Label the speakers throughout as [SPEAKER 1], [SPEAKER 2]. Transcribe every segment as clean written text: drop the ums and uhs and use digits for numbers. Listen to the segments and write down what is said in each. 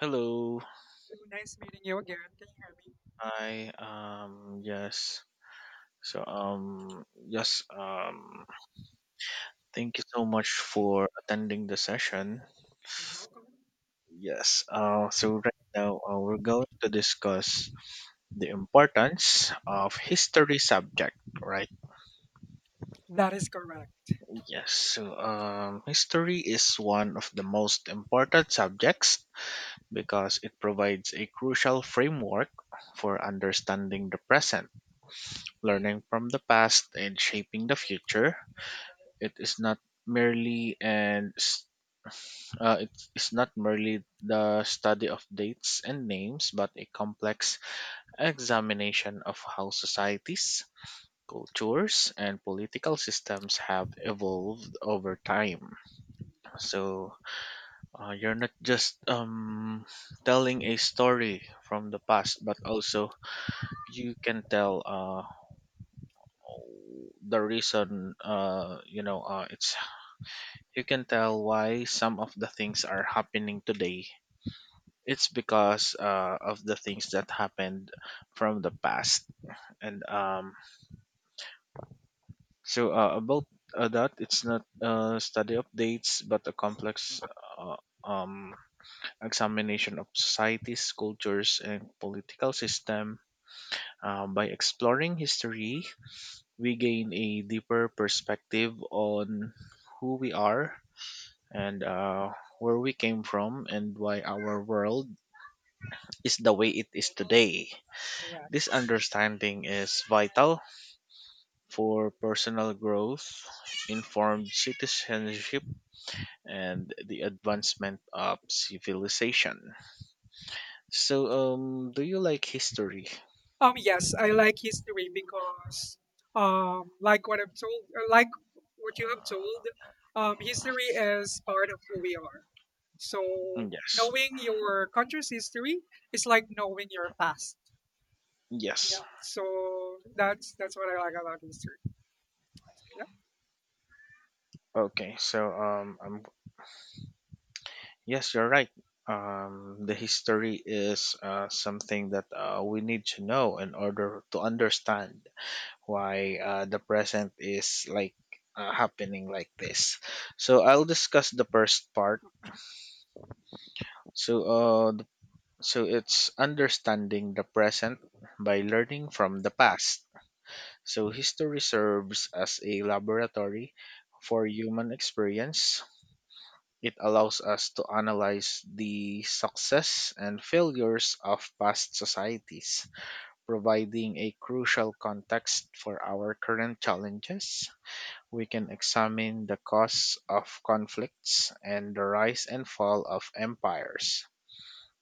[SPEAKER 1] Hello.
[SPEAKER 2] Nice meeting you again. Can you hear me?
[SPEAKER 1] Hi. Yes. Yes. Thank you so much for attending the session.
[SPEAKER 2] You're welcome.
[SPEAKER 1] Yes. So right now, we're going to discuss the importance of history subject. Right.
[SPEAKER 2] That is correct.
[SPEAKER 1] Yes. History is one of the most important subjects because it provides a crucial framework for understanding the present, learning from the past, and shaping the future. It is not merely and it is not merely the study of dates and names, but a complex examination of how societies, cultures, and political systems have evolved over time. So you're not just telling a story from the past, but also you can tell the reason you know it's you can tell why some of the things are happening today. It's because of the things that happened from the past. And so about that, it's not study updates, but a complex uh, um, examination of societies, cultures, and political system. By exploring history, we gain a deeper perspective on who we are and where we came from, and why our world is the way it is today. This
[SPEAKER 2] Correct.
[SPEAKER 1] understanding is vital for personal growth, informed citizenship, and the advancement of civilization. So, do you like history?
[SPEAKER 2] Yes, I like history because, like what I've told, like what you have told, history is part of who we are. So
[SPEAKER 1] Mm, yes.
[SPEAKER 2] knowing your country's history is like knowing your past. Yeah.
[SPEAKER 1] Yes.
[SPEAKER 2] So that's what I like about history. Yeah.
[SPEAKER 1] Okay. Yes, you're right. The history is something that we need to know in order to understand why the present is like happening like this. So I'll discuss the first part. So uh, th- so it's understanding the present by learning from the past. So history serves as a laboratory for human experience. It allows us to analyze the success and failures of past societies, providing a crucial context for our current challenges. We can examine the causes of conflicts and the rise and fall of empires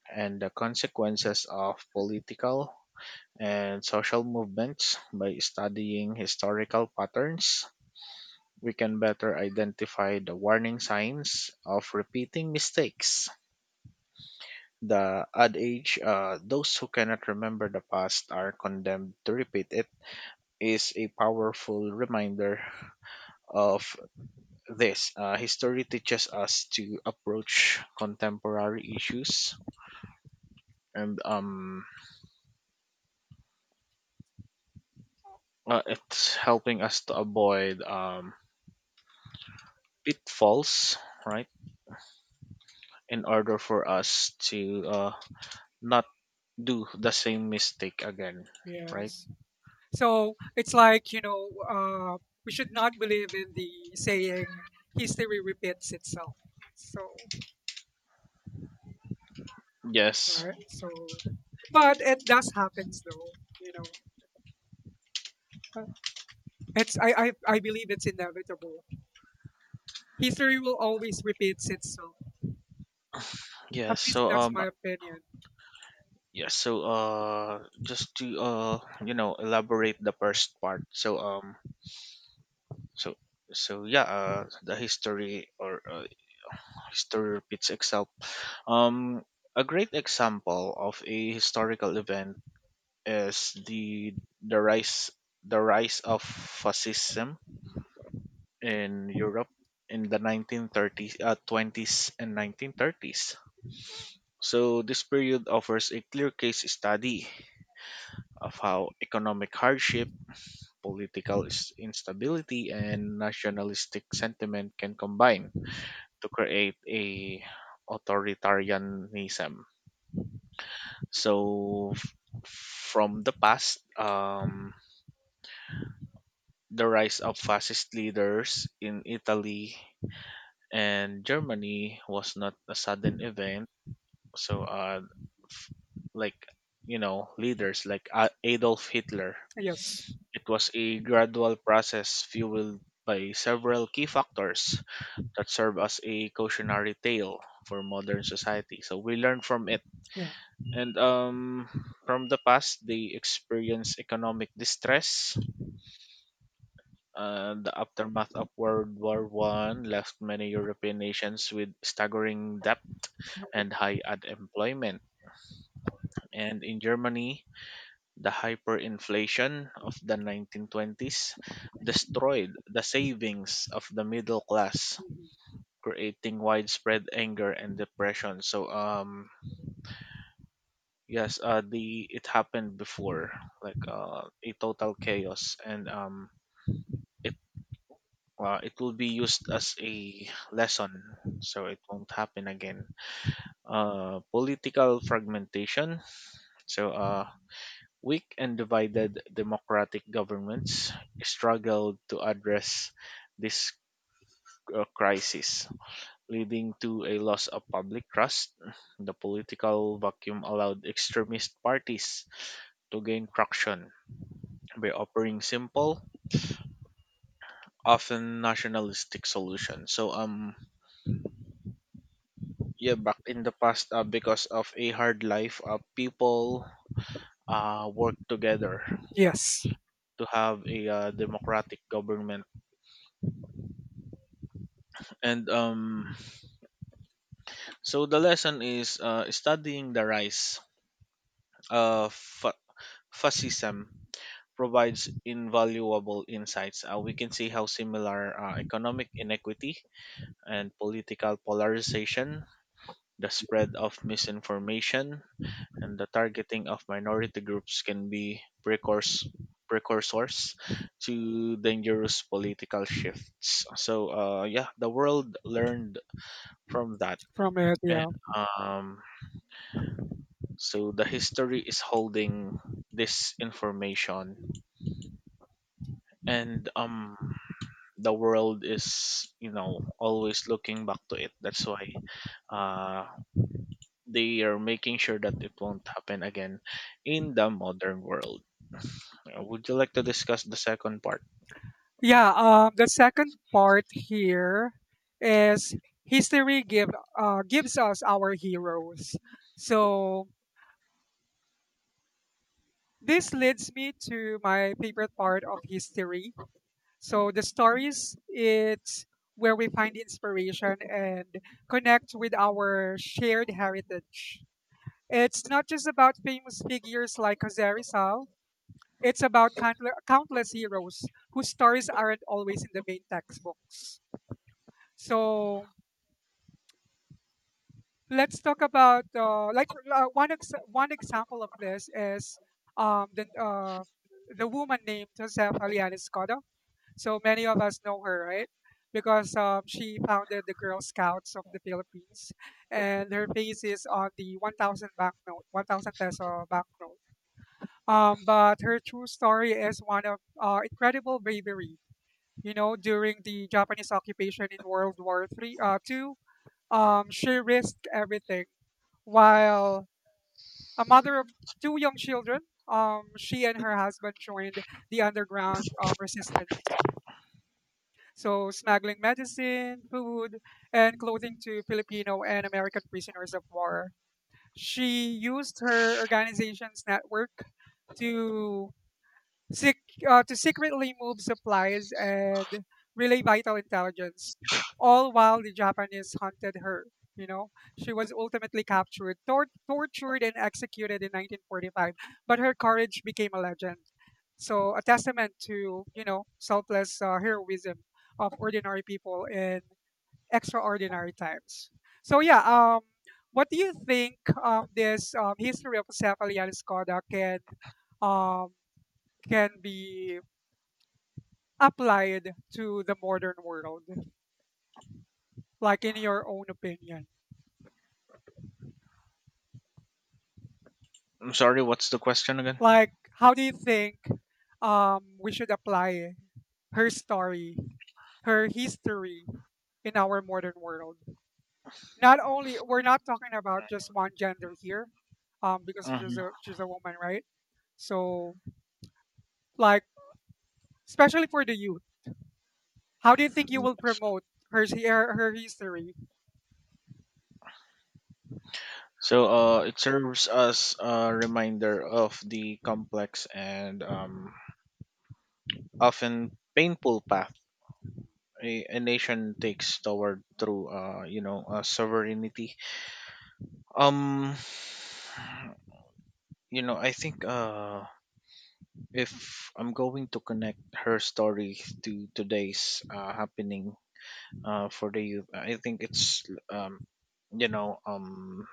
[SPEAKER 1] and the consequences of political and social movements by studying historical patterns. We can better identify the warning signs of repeating mistakes. The adage, those who cannot remember the past are condemned to repeat it, is a powerful reminder of this. History teaches us to approach contemporary issues, and it's helping us to avoid pitfalls, right, in order for us to not do the same mistake again, right.
[SPEAKER 2] Yes. So it's like, you know, we should not believe in the saying history repeats itself. So,
[SPEAKER 1] Yes.
[SPEAKER 2] right? So, but it does happens though, you know. Uh, It's I believe it's inevitable. History will always repeats itself. At
[SPEAKER 1] yes
[SPEAKER 2] least
[SPEAKER 1] so
[SPEAKER 2] that's my opinion.
[SPEAKER 1] yes so just to you know elaborate the first part, so so yeah, the history or history repeats itself. Um, a great example of a historical event is the rise of fascism in Europe in the 1930s, 20s and 1930s. So this period offers a clear case study of how economic hardship, instability, and nationalistic sentiment can combine to create a authoritarianism. So, f- from the past, the rise of fascist leaders in Italy and Germany was not a sudden event. So, uh, f- like, you know, leaders like Adolf Hitler,
[SPEAKER 2] Yes.
[SPEAKER 1] it was a gradual process fueled by several key factors that serve as a cautionary tale for modern society. So, we learn from it.
[SPEAKER 2] Yeah.
[SPEAKER 1] And From the past they experienced economic distress. The aftermath of World War One left many European nations with staggering debt and high unemployment, and in Germany the hyperinflation of the 1920s destroyed the savings of the middle class,
[SPEAKER 2] Mhm.
[SPEAKER 1] creating widespread anger and depression. So yes, the it happened before, like a total chaos, and it it will be used as a lesson, so it won't happen again. Political fragmentation. So weak and divided democratic governments struggled to address this crisis, leading to a loss of public trust. The political vacuum allowed extremist parties to gain traction by offering simple, often nationalistic solutions. So yeah, back in the past, because of a hard life, people worked together
[SPEAKER 2] Yes.
[SPEAKER 1] to have a democratic government. And so the lesson is, studying the rise of fa- fascism provides invaluable insights. We can see how similar economic inequity and political polarization, the spread of misinformation, and the targeting of minority groups can be precursors to dangerous political shifts. So yeah, the world learned from that,
[SPEAKER 2] From it.
[SPEAKER 1] and
[SPEAKER 2] Yeah.
[SPEAKER 1] um, so the history is holding this information, and the world is, you know, always looking back to it. That's why uh they are making sure that it won't happen again in the modern world. Would you like to discuss the second part?
[SPEAKER 2] Yeah, the second part here is history give, gives us our heroes. So this leads me to my favorite part of history. So the stories, it's where we find inspiration and connect with our shared heritage. It's not just about famous figures like Jose Rizal. It's about countless heroes whose stories aren't always in the main textbooks. So let's talk about one example of this is um, the uh, the woman named Josefa Alianis Cotto. So many of us know her, right? Because she founded the Girl Scouts of the Philippines, and her face is on the 1,000 peso banknote. But her true story is one of incredible bravery. You know, during the Japanese occupation in two. She risked everything. While a mother of two young children, she and her husband joined the underground resistance. So, smuggling medicine, food, and clothing to Filipino and American prisoners of war. She used her organization's network to secretly move supplies and relay vital intelligence, all while the Japanese hunted her. You know, she was ultimately captured, tortured, and executed in 1945. But her courage became a legend. So, a testament to, you know, selfless heroism of ordinary people in extraordinary times. So, yeah, what do you think this history of Cepha Lianis Koda um, can be applied to the modern world? Like in your own opinion,
[SPEAKER 1] I'm sorry, what's the question again?
[SPEAKER 2] like how do you think we should apply her story, her history in our modern world? Not only we're not talking about just one gender here, because
[SPEAKER 1] Mhm.
[SPEAKER 2] she's a woman, right? So like especially for the youth, how do you think you will promote her history?
[SPEAKER 1] So it serves as a reminder of the complex and often painful path a nation takes toward through, sovereignty. Um, you know, I think if I'm going to connect her story to today's happening for the youth, I think it's you know um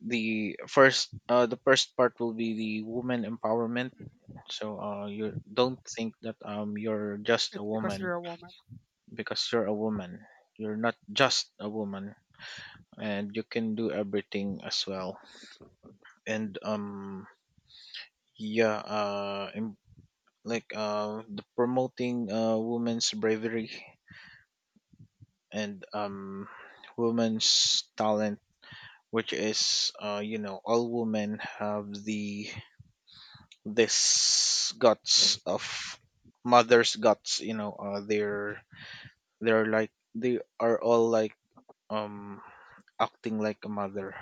[SPEAKER 1] the first part will be the woman empowerment.
[SPEAKER 2] Mhm.
[SPEAKER 1] So you don't think that you're just a
[SPEAKER 2] It's because
[SPEAKER 1] woman
[SPEAKER 2] you're a woman.
[SPEAKER 1] because you're a woman. You're not just a woman, and you can do everything as well. And yeah, like the promoting women's bravery and women's talent, which is, you know, all women have the this guts of mother's guts, you know. They're like they are all like, um acting like a mother.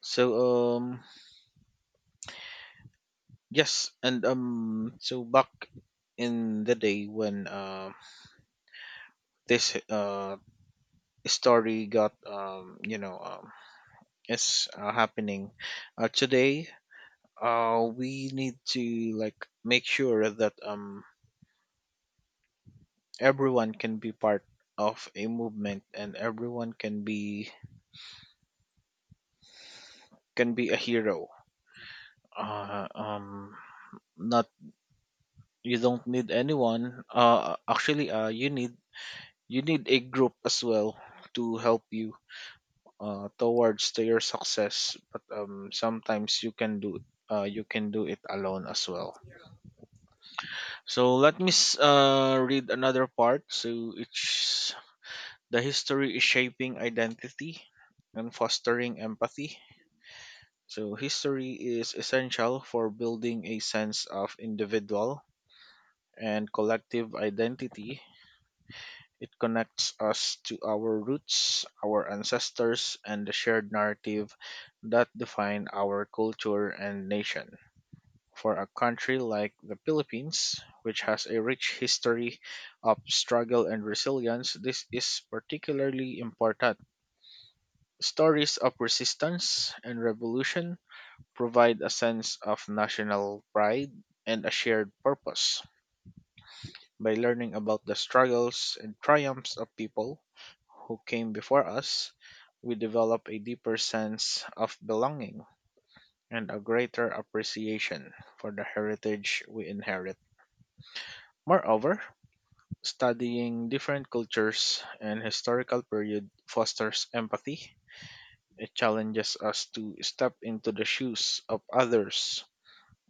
[SPEAKER 1] So um yes, and so back in the day when, this story got, you know, is happening today, we need to like make sure that everyone can be part of a movement, and everyone can be, can be a hero. Uh, um, Not, you don't need anyone. Actually, you need a group as well to help you towards to your success. But sometimes you can do, you can do it alone as well. So let me read another part. So it's the history is shaping identity and fostering empathy. So, history is essential for building a sense of individual and collective identity. It connects us to our roots, our ancestors, and the shared narrative that define our culture and nation. For a country like the Philippines, which has a rich history of struggle and resilience, this is particularly important. Stories of resistance and revolution provide a sense of national pride and a shared purpose. By learning about the struggles and triumphs of people who came before us, we develop a deeper sense of belonging and a greater appreciation for the heritage we inherit. Moreover, studying different cultures and historical period fosters empathy. It challenges us to step into the shoes of others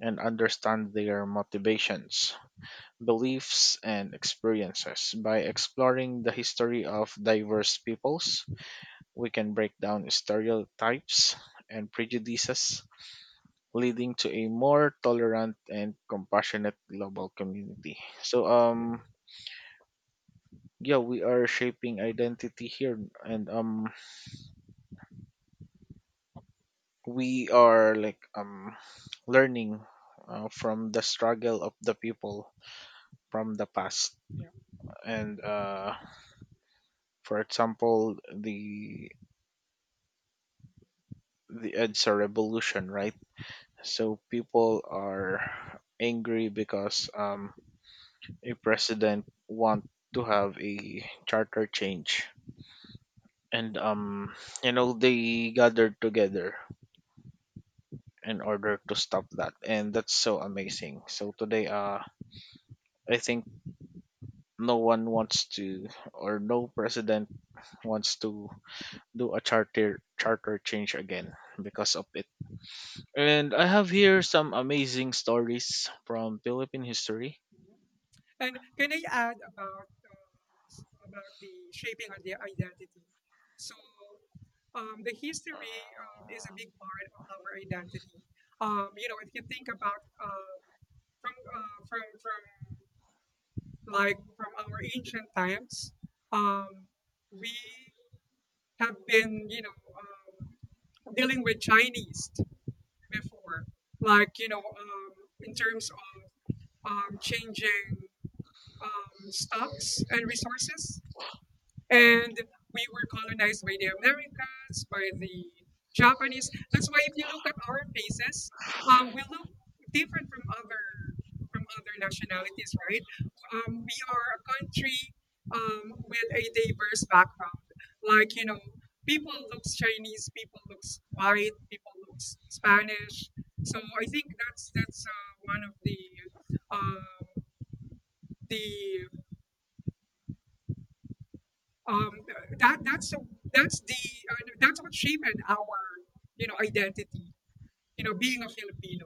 [SPEAKER 1] and understand their motivations, beliefs, and experiences. By exploring the history of diverse peoples, we can break down stereotypes and prejudices, leading to a more tolerant and compassionate global community. So, yeah, we are shaping identity here, and we are like learning from the struggle of the people from the past,
[SPEAKER 2] Yeah.
[SPEAKER 1] and for example the Edsa revolution, right? So people are angry because a president want to have a charter change, and you know they gathered together in order to stop that, and that's so amazing. So today I think no one wants to, or no president wants to do a charter change again because of it. And I have here some amazing stories from Philippine history.
[SPEAKER 2] Mm-hmm. And can I add about about the shaping of their identity? So, the history is a big part of our identity. You know, if you think about from like from our ancient times, um, we have been dealing with Chinese before, like in terms of changing stocks and resources and we were colonized by the Americans, by the Japanese. That's why if you look at our faces, we look different from other nationalities, right? We are a country with a diverse background. Like you know, people looks Chinese, people looks white, people looks Spanish. So I think that's one of uh, the um, that that's the uh, that's what shaped our identity, being a filipino,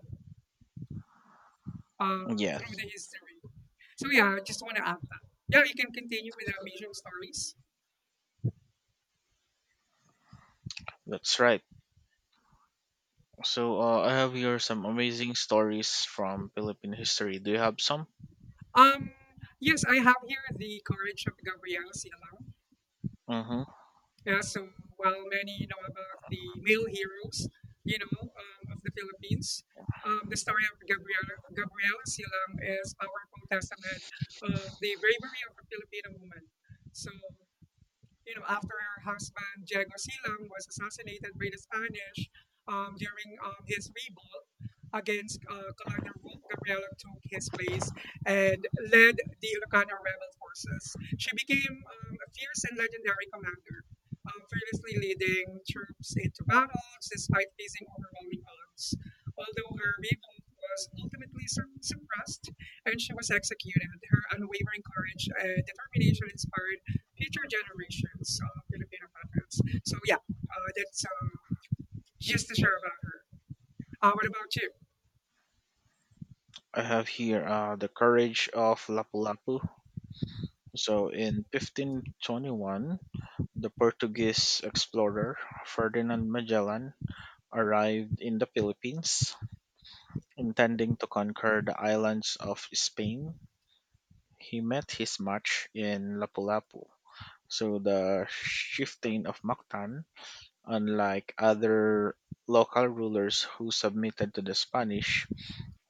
[SPEAKER 2] uh, through
[SPEAKER 1] Yes,
[SPEAKER 2] the history. So yeah, I just want to add that. Yeah, you can continue with the amazing stories.
[SPEAKER 1] that's right. So I have here some amazing stories from Philippine history. Do you have some?
[SPEAKER 2] um yes, I have here the courage of gabrielle Sialang.
[SPEAKER 1] Mm-hmm.
[SPEAKER 2] Yeah, so while many know about the male heroes, you know, of the Philippines, the story of Gabriela Silang is a powerful testament of the bravery of a Filipino woman. So you know, after her husband Diego Silang was assassinated by the Spanish during his revolt against colonial rule, Gabriela took his place and led the Ilocano rebel forces. She became a fierce and legendary commander, fearlessly leading troops into battles despite facing overwhelming odds. Although her revolt was ultimately suppressed and she was executed, her unwavering courage and determination inspired future generations of Filipino parents. So yeah, that's just to share about her. What about you?
[SPEAKER 1] I have here, the courage of Lapu-Lapu. So in 1521, the Portuguese explorer Ferdinand Magellan arrived in the Philippines, intending to conquer the islands of Spain. He met his match in Lapu-Lapu, so the chieftain of Mactan. Unlike other local rulers who submitted to the Spanish,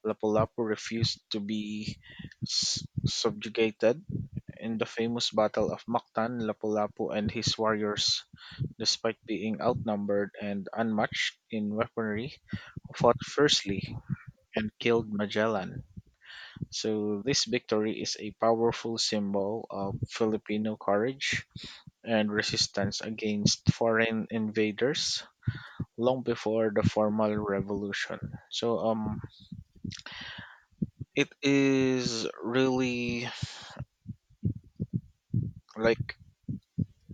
[SPEAKER 1] Lapu-Lapu refused to be subjugated. In the famous Battle of Mactan, Lapu-Lapu and his warriors, despite being outnumbered and unmatched in weaponry, fought fiercely and killed Magellan. So this victory is a powerful symbol of Filipino courage and resistance against foreign invaders long before the formal revolution. So it is really like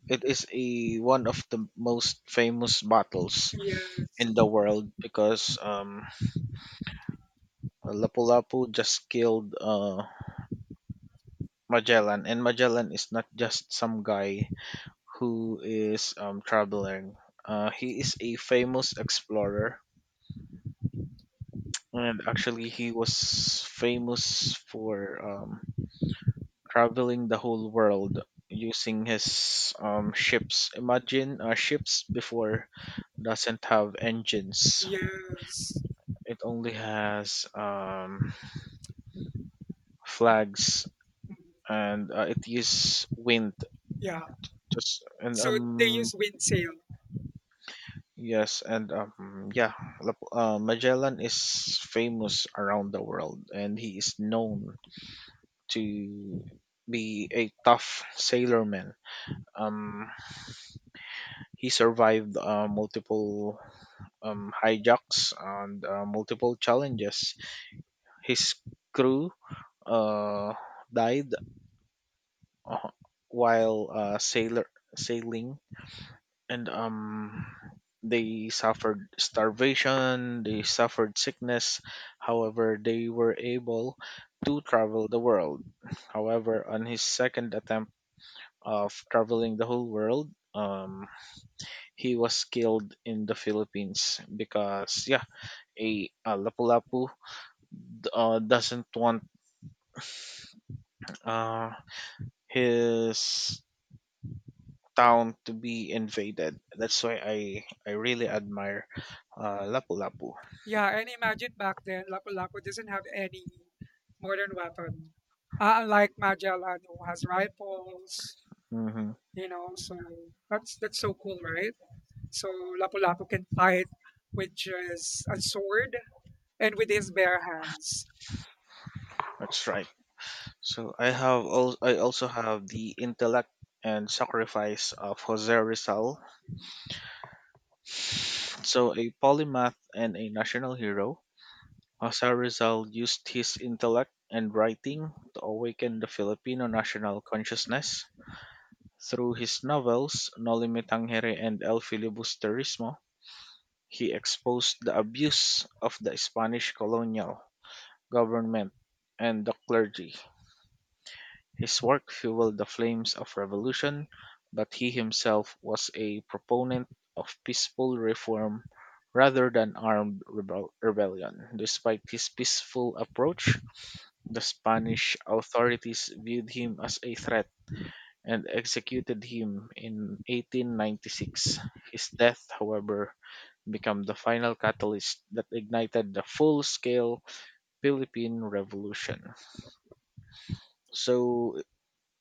[SPEAKER 1] it is a one of the most famous battles
[SPEAKER 2] Yes,
[SPEAKER 1] in the world, because Lapu-Lapu just killed Magellan, and Magellan is not just some guy who is traveling. He is a famous explorer, and actually, he was famous for traveling the whole world using his ships. Imagine ships before doesn't have engines;
[SPEAKER 2] yes,
[SPEAKER 1] it only has flags,
[SPEAKER 2] Mm,
[SPEAKER 1] and it uses wind.
[SPEAKER 2] yeah.
[SPEAKER 1] Just and
[SPEAKER 2] So they
[SPEAKER 1] um,
[SPEAKER 2] use windsail.
[SPEAKER 1] yes, and yeah, Magellan is famous around the world, and he is known to be a tough sailorman. Um, he survived multiple hijacks and multiple challenges. His crew uh, died uh, while sailor sailing, and they suffered starvation, they suffered sickness. However, they were able to travel the world. However, on his second attempt of traveling the whole world, he was killed in the Philippines because yeah, a Lapu-Lapu doesn't want uh, his town to be invaded. That's why I really admire Lapu-Lapu.
[SPEAKER 2] Yeah, and imagine back then, Lapu-Lapu doesn't have any modern weapon. Unlike Magellan, who has rifles,
[SPEAKER 1] Hmm.
[SPEAKER 2] you know, so that's so cool, right? So Lapu-Lapu can fight with just a sword and with his bare hands.
[SPEAKER 1] That's right. So I also have the intellect and sacrifice of Jose Rizal. So a polymath and a national hero, Jose Rizal used his intellect and writing to awaken the Filipino national consciousness. Through his novels No Limitangere and El Filibusterismo, he exposed the abuse of the Spanish colonial government and the clergy. His work fueled the flames of revolution, but he himself was a proponent of peaceful reform rather than rebellion. Despite his peaceful approach, the Spanish authorities viewed him as a threat and executed him in 1896. His death, however, became the final catalyst that ignited the full scale Philippine Revolution. So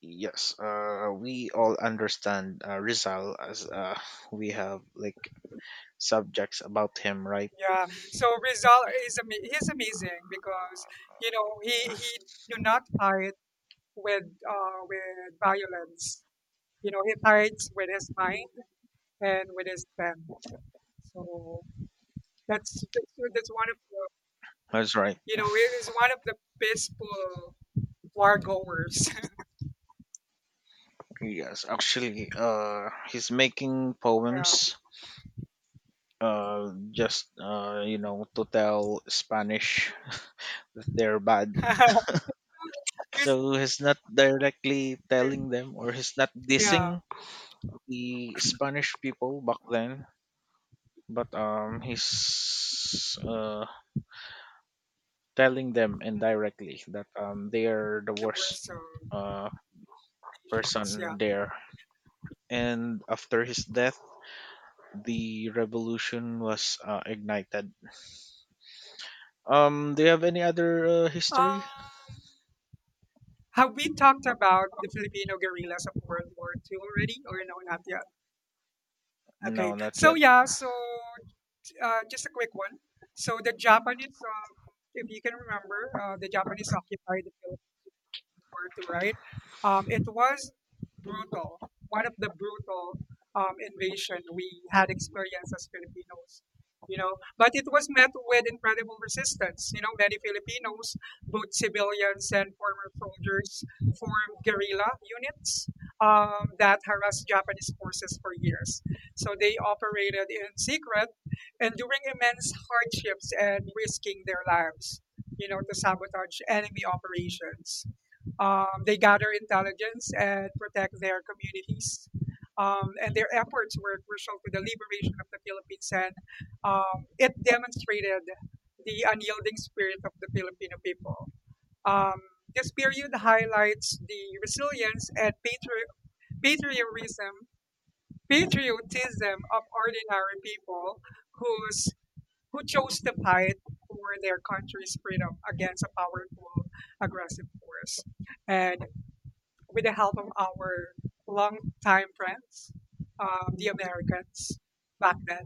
[SPEAKER 1] Yes, we all understand Rizal as we have like subjects about him, right?
[SPEAKER 2] Yeah. So Rizal is he's amazing because you know he do not fight with violence. You know he fights with his mind and with his pen. So that's one of the
[SPEAKER 1] That's right.
[SPEAKER 2] it is one of the peaceful war goers.
[SPEAKER 1] Yes, actually, he's making
[SPEAKER 2] yeah.
[SPEAKER 1] poems. Just to tell Spanish that they're bad.
[SPEAKER 2] Riz-
[SPEAKER 1] So he's not directly telling them, or he's not
[SPEAKER 2] yeah.
[SPEAKER 1] dissing the Spanish people back then. But he's telling them indirectly that they are the
[SPEAKER 2] The
[SPEAKER 1] worst
[SPEAKER 2] worst of
[SPEAKER 1] uh,
[SPEAKER 2] nations. Yeah.
[SPEAKER 1] person there. And after his death, the revolution was ignited. Do you have any other history?
[SPEAKER 2] Um. Have we talked about the Filipino guerrillas of World War II already, or no, not yet? Okay.
[SPEAKER 1] No, not
[SPEAKER 2] So
[SPEAKER 1] yet.
[SPEAKER 2] yeah, so just a quick one. So the Japanese, if you can remember, the Japanese occupied the Philippines. War II, right? It was brutal, one of the brutal invasion we had experienced as Filipinos. You know, but it was met with incredible resistance. You know, many Filipinos, both civilians and former soldiers, formed guerrilla units that harassed Japanese forces for years. So they operated in secret, enduring immense hardships and risking their lives, you know, to sabotage enemy operations. They gather intelligence and protect their communities. And their efforts were crucial to the liberation of the Philippines, and it demonstrated the unyielding spirit of the Filipino people. Um, this period highlights the resilience and patriotism, patriotism of ordinary people who's, who chose to fight for their country's freedom against a powerful, aggressive force. And with the help of our longtime friends, the Americans back then.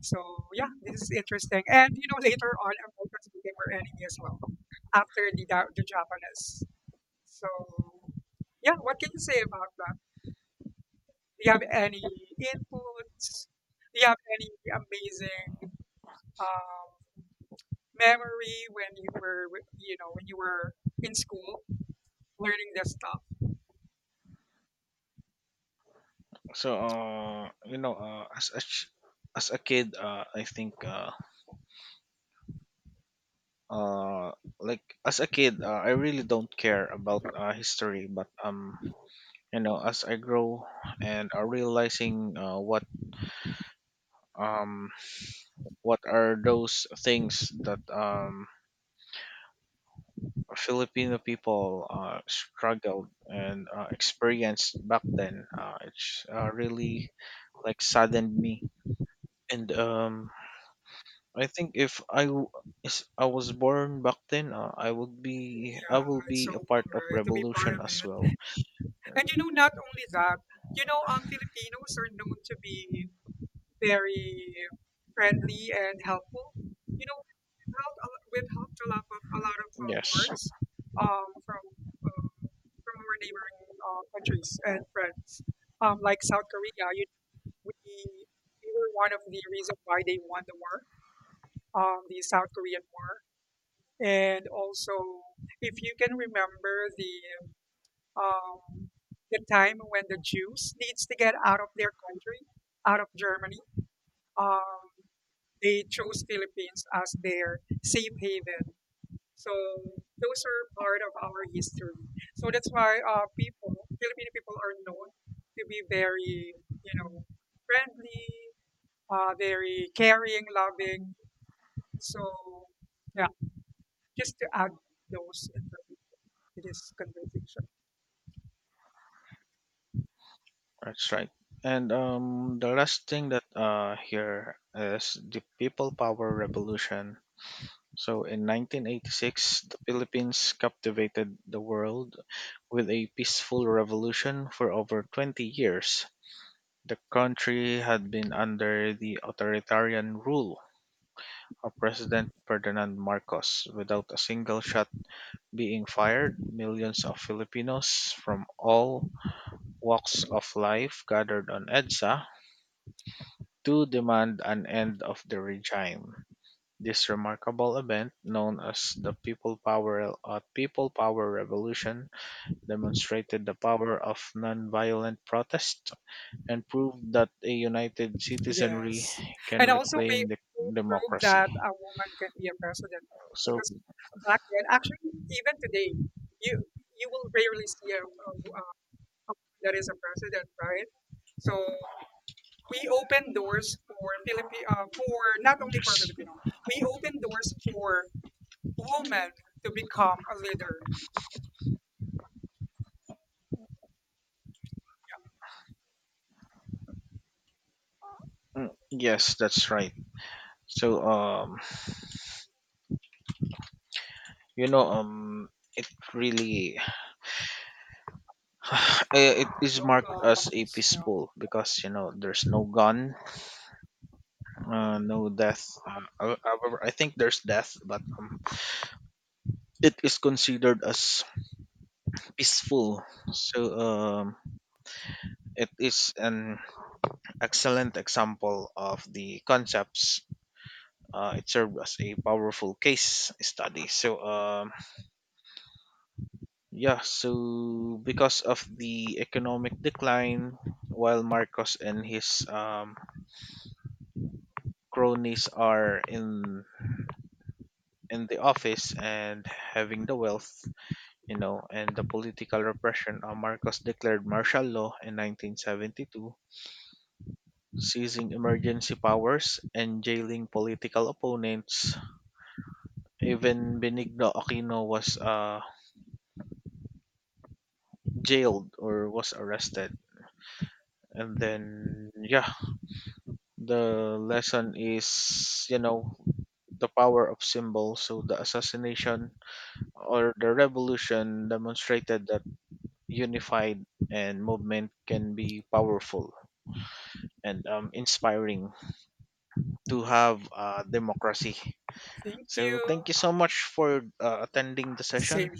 [SPEAKER 2] So yeah, this is interesting. And you know, later on, Americans became our enemy as well after the the Japanese. So yeah, what can you say about that? Do you have any inputs? Do you have any amazing um, memory when you were, you know, when you were in school learning this stuff?
[SPEAKER 1] So, you know, as a kid, I think, uh, like as a kid, I really don't care about history. But you know, as I grow and realizing um what are those things that Filipino people struggled and experienced back then. It's really like saddened me, and I think if I was born back then, I
[SPEAKER 2] Yeah,
[SPEAKER 1] will
[SPEAKER 2] it's
[SPEAKER 1] be
[SPEAKER 2] so
[SPEAKER 1] a part
[SPEAKER 2] cool,
[SPEAKER 1] of
[SPEAKER 2] right? To be part
[SPEAKER 1] revolution
[SPEAKER 2] of
[SPEAKER 1] as
[SPEAKER 2] it.
[SPEAKER 1] well. And
[SPEAKER 2] And you know, not only that, you know, Filipinos are known to be very friendly and helpful. You know, we've helped a lot of
[SPEAKER 1] yes,
[SPEAKER 2] wars um, from uh, from our neighboring countries and friends, like South Korea. You we were one of the reasons why they won the war, the South Korean War, and also if you can remember um, the time when the Jews needs to get out of their country, out of Germany. Um, they chose Philippines as their safe haven. So those are part of our history. So that's why people, Filipino people, are known to be very, you know, friendly, very caring, loving. So yeah, just to add those information to this conversation.
[SPEAKER 1] that's right. And the last thing that here is the people power revolution. So in 1986, the Philippines captivated the world with a peaceful revolution for over 20 years. The country had been under the authoritarian rule of President Ferdinand Marcos without a single shot being fired. Millions of Filipinos from all walks of life gathered on EDSA to demand an end of the regime. This remarkable event, known as the People Power Revolution, demonstrated the power of nonviolent protest and proved that a united citizenry
[SPEAKER 2] Yes.
[SPEAKER 1] can
[SPEAKER 2] And also,
[SPEAKER 1] reclaim the
[SPEAKER 2] we proved
[SPEAKER 1] democracy.
[SPEAKER 2] that a woman can be a president
[SPEAKER 1] So
[SPEAKER 2] because back then, actually, even today, you you will rarely see a woman that is a president, right? So we open doors for for not only for
[SPEAKER 1] yes.
[SPEAKER 2] Filipino, we open doors for women to become a leader.
[SPEAKER 1] Mm, yes, that's right. So you know it really eh, it is
[SPEAKER 2] No
[SPEAKER 1] marked as a
[SPEAKER 2] guns, you know.
[SPEAKER 1] peaceful because you know there's no gun, no death. I think there's death, but it is considered as peaceful. So it is an excellent example of the concepts. It served as a powerful case study. So yeah, so because of the economic decline, while Marcos and his cronies are in the office and having the wealth, you know, and the political repression, Marcos declared martial law in 1972, seizing emergency powers and jailing political opponents. Even Benigno Aquino was jailed or was arrested. And then, yeah, the lesson is, you know, the power of symbols. So the assassination or the revolution demonstrated that unified and movement can be powerful and inspiring to have democracy.
[SPEAKER 2] Thank
[SPEAKER 1] So
[SPEAKER 2] you.
[SPEAKER 1] thank you so much for attending the
[SPEAKER 2] Same
[SPEAKER 1] session.
[SPEAKER 2] here.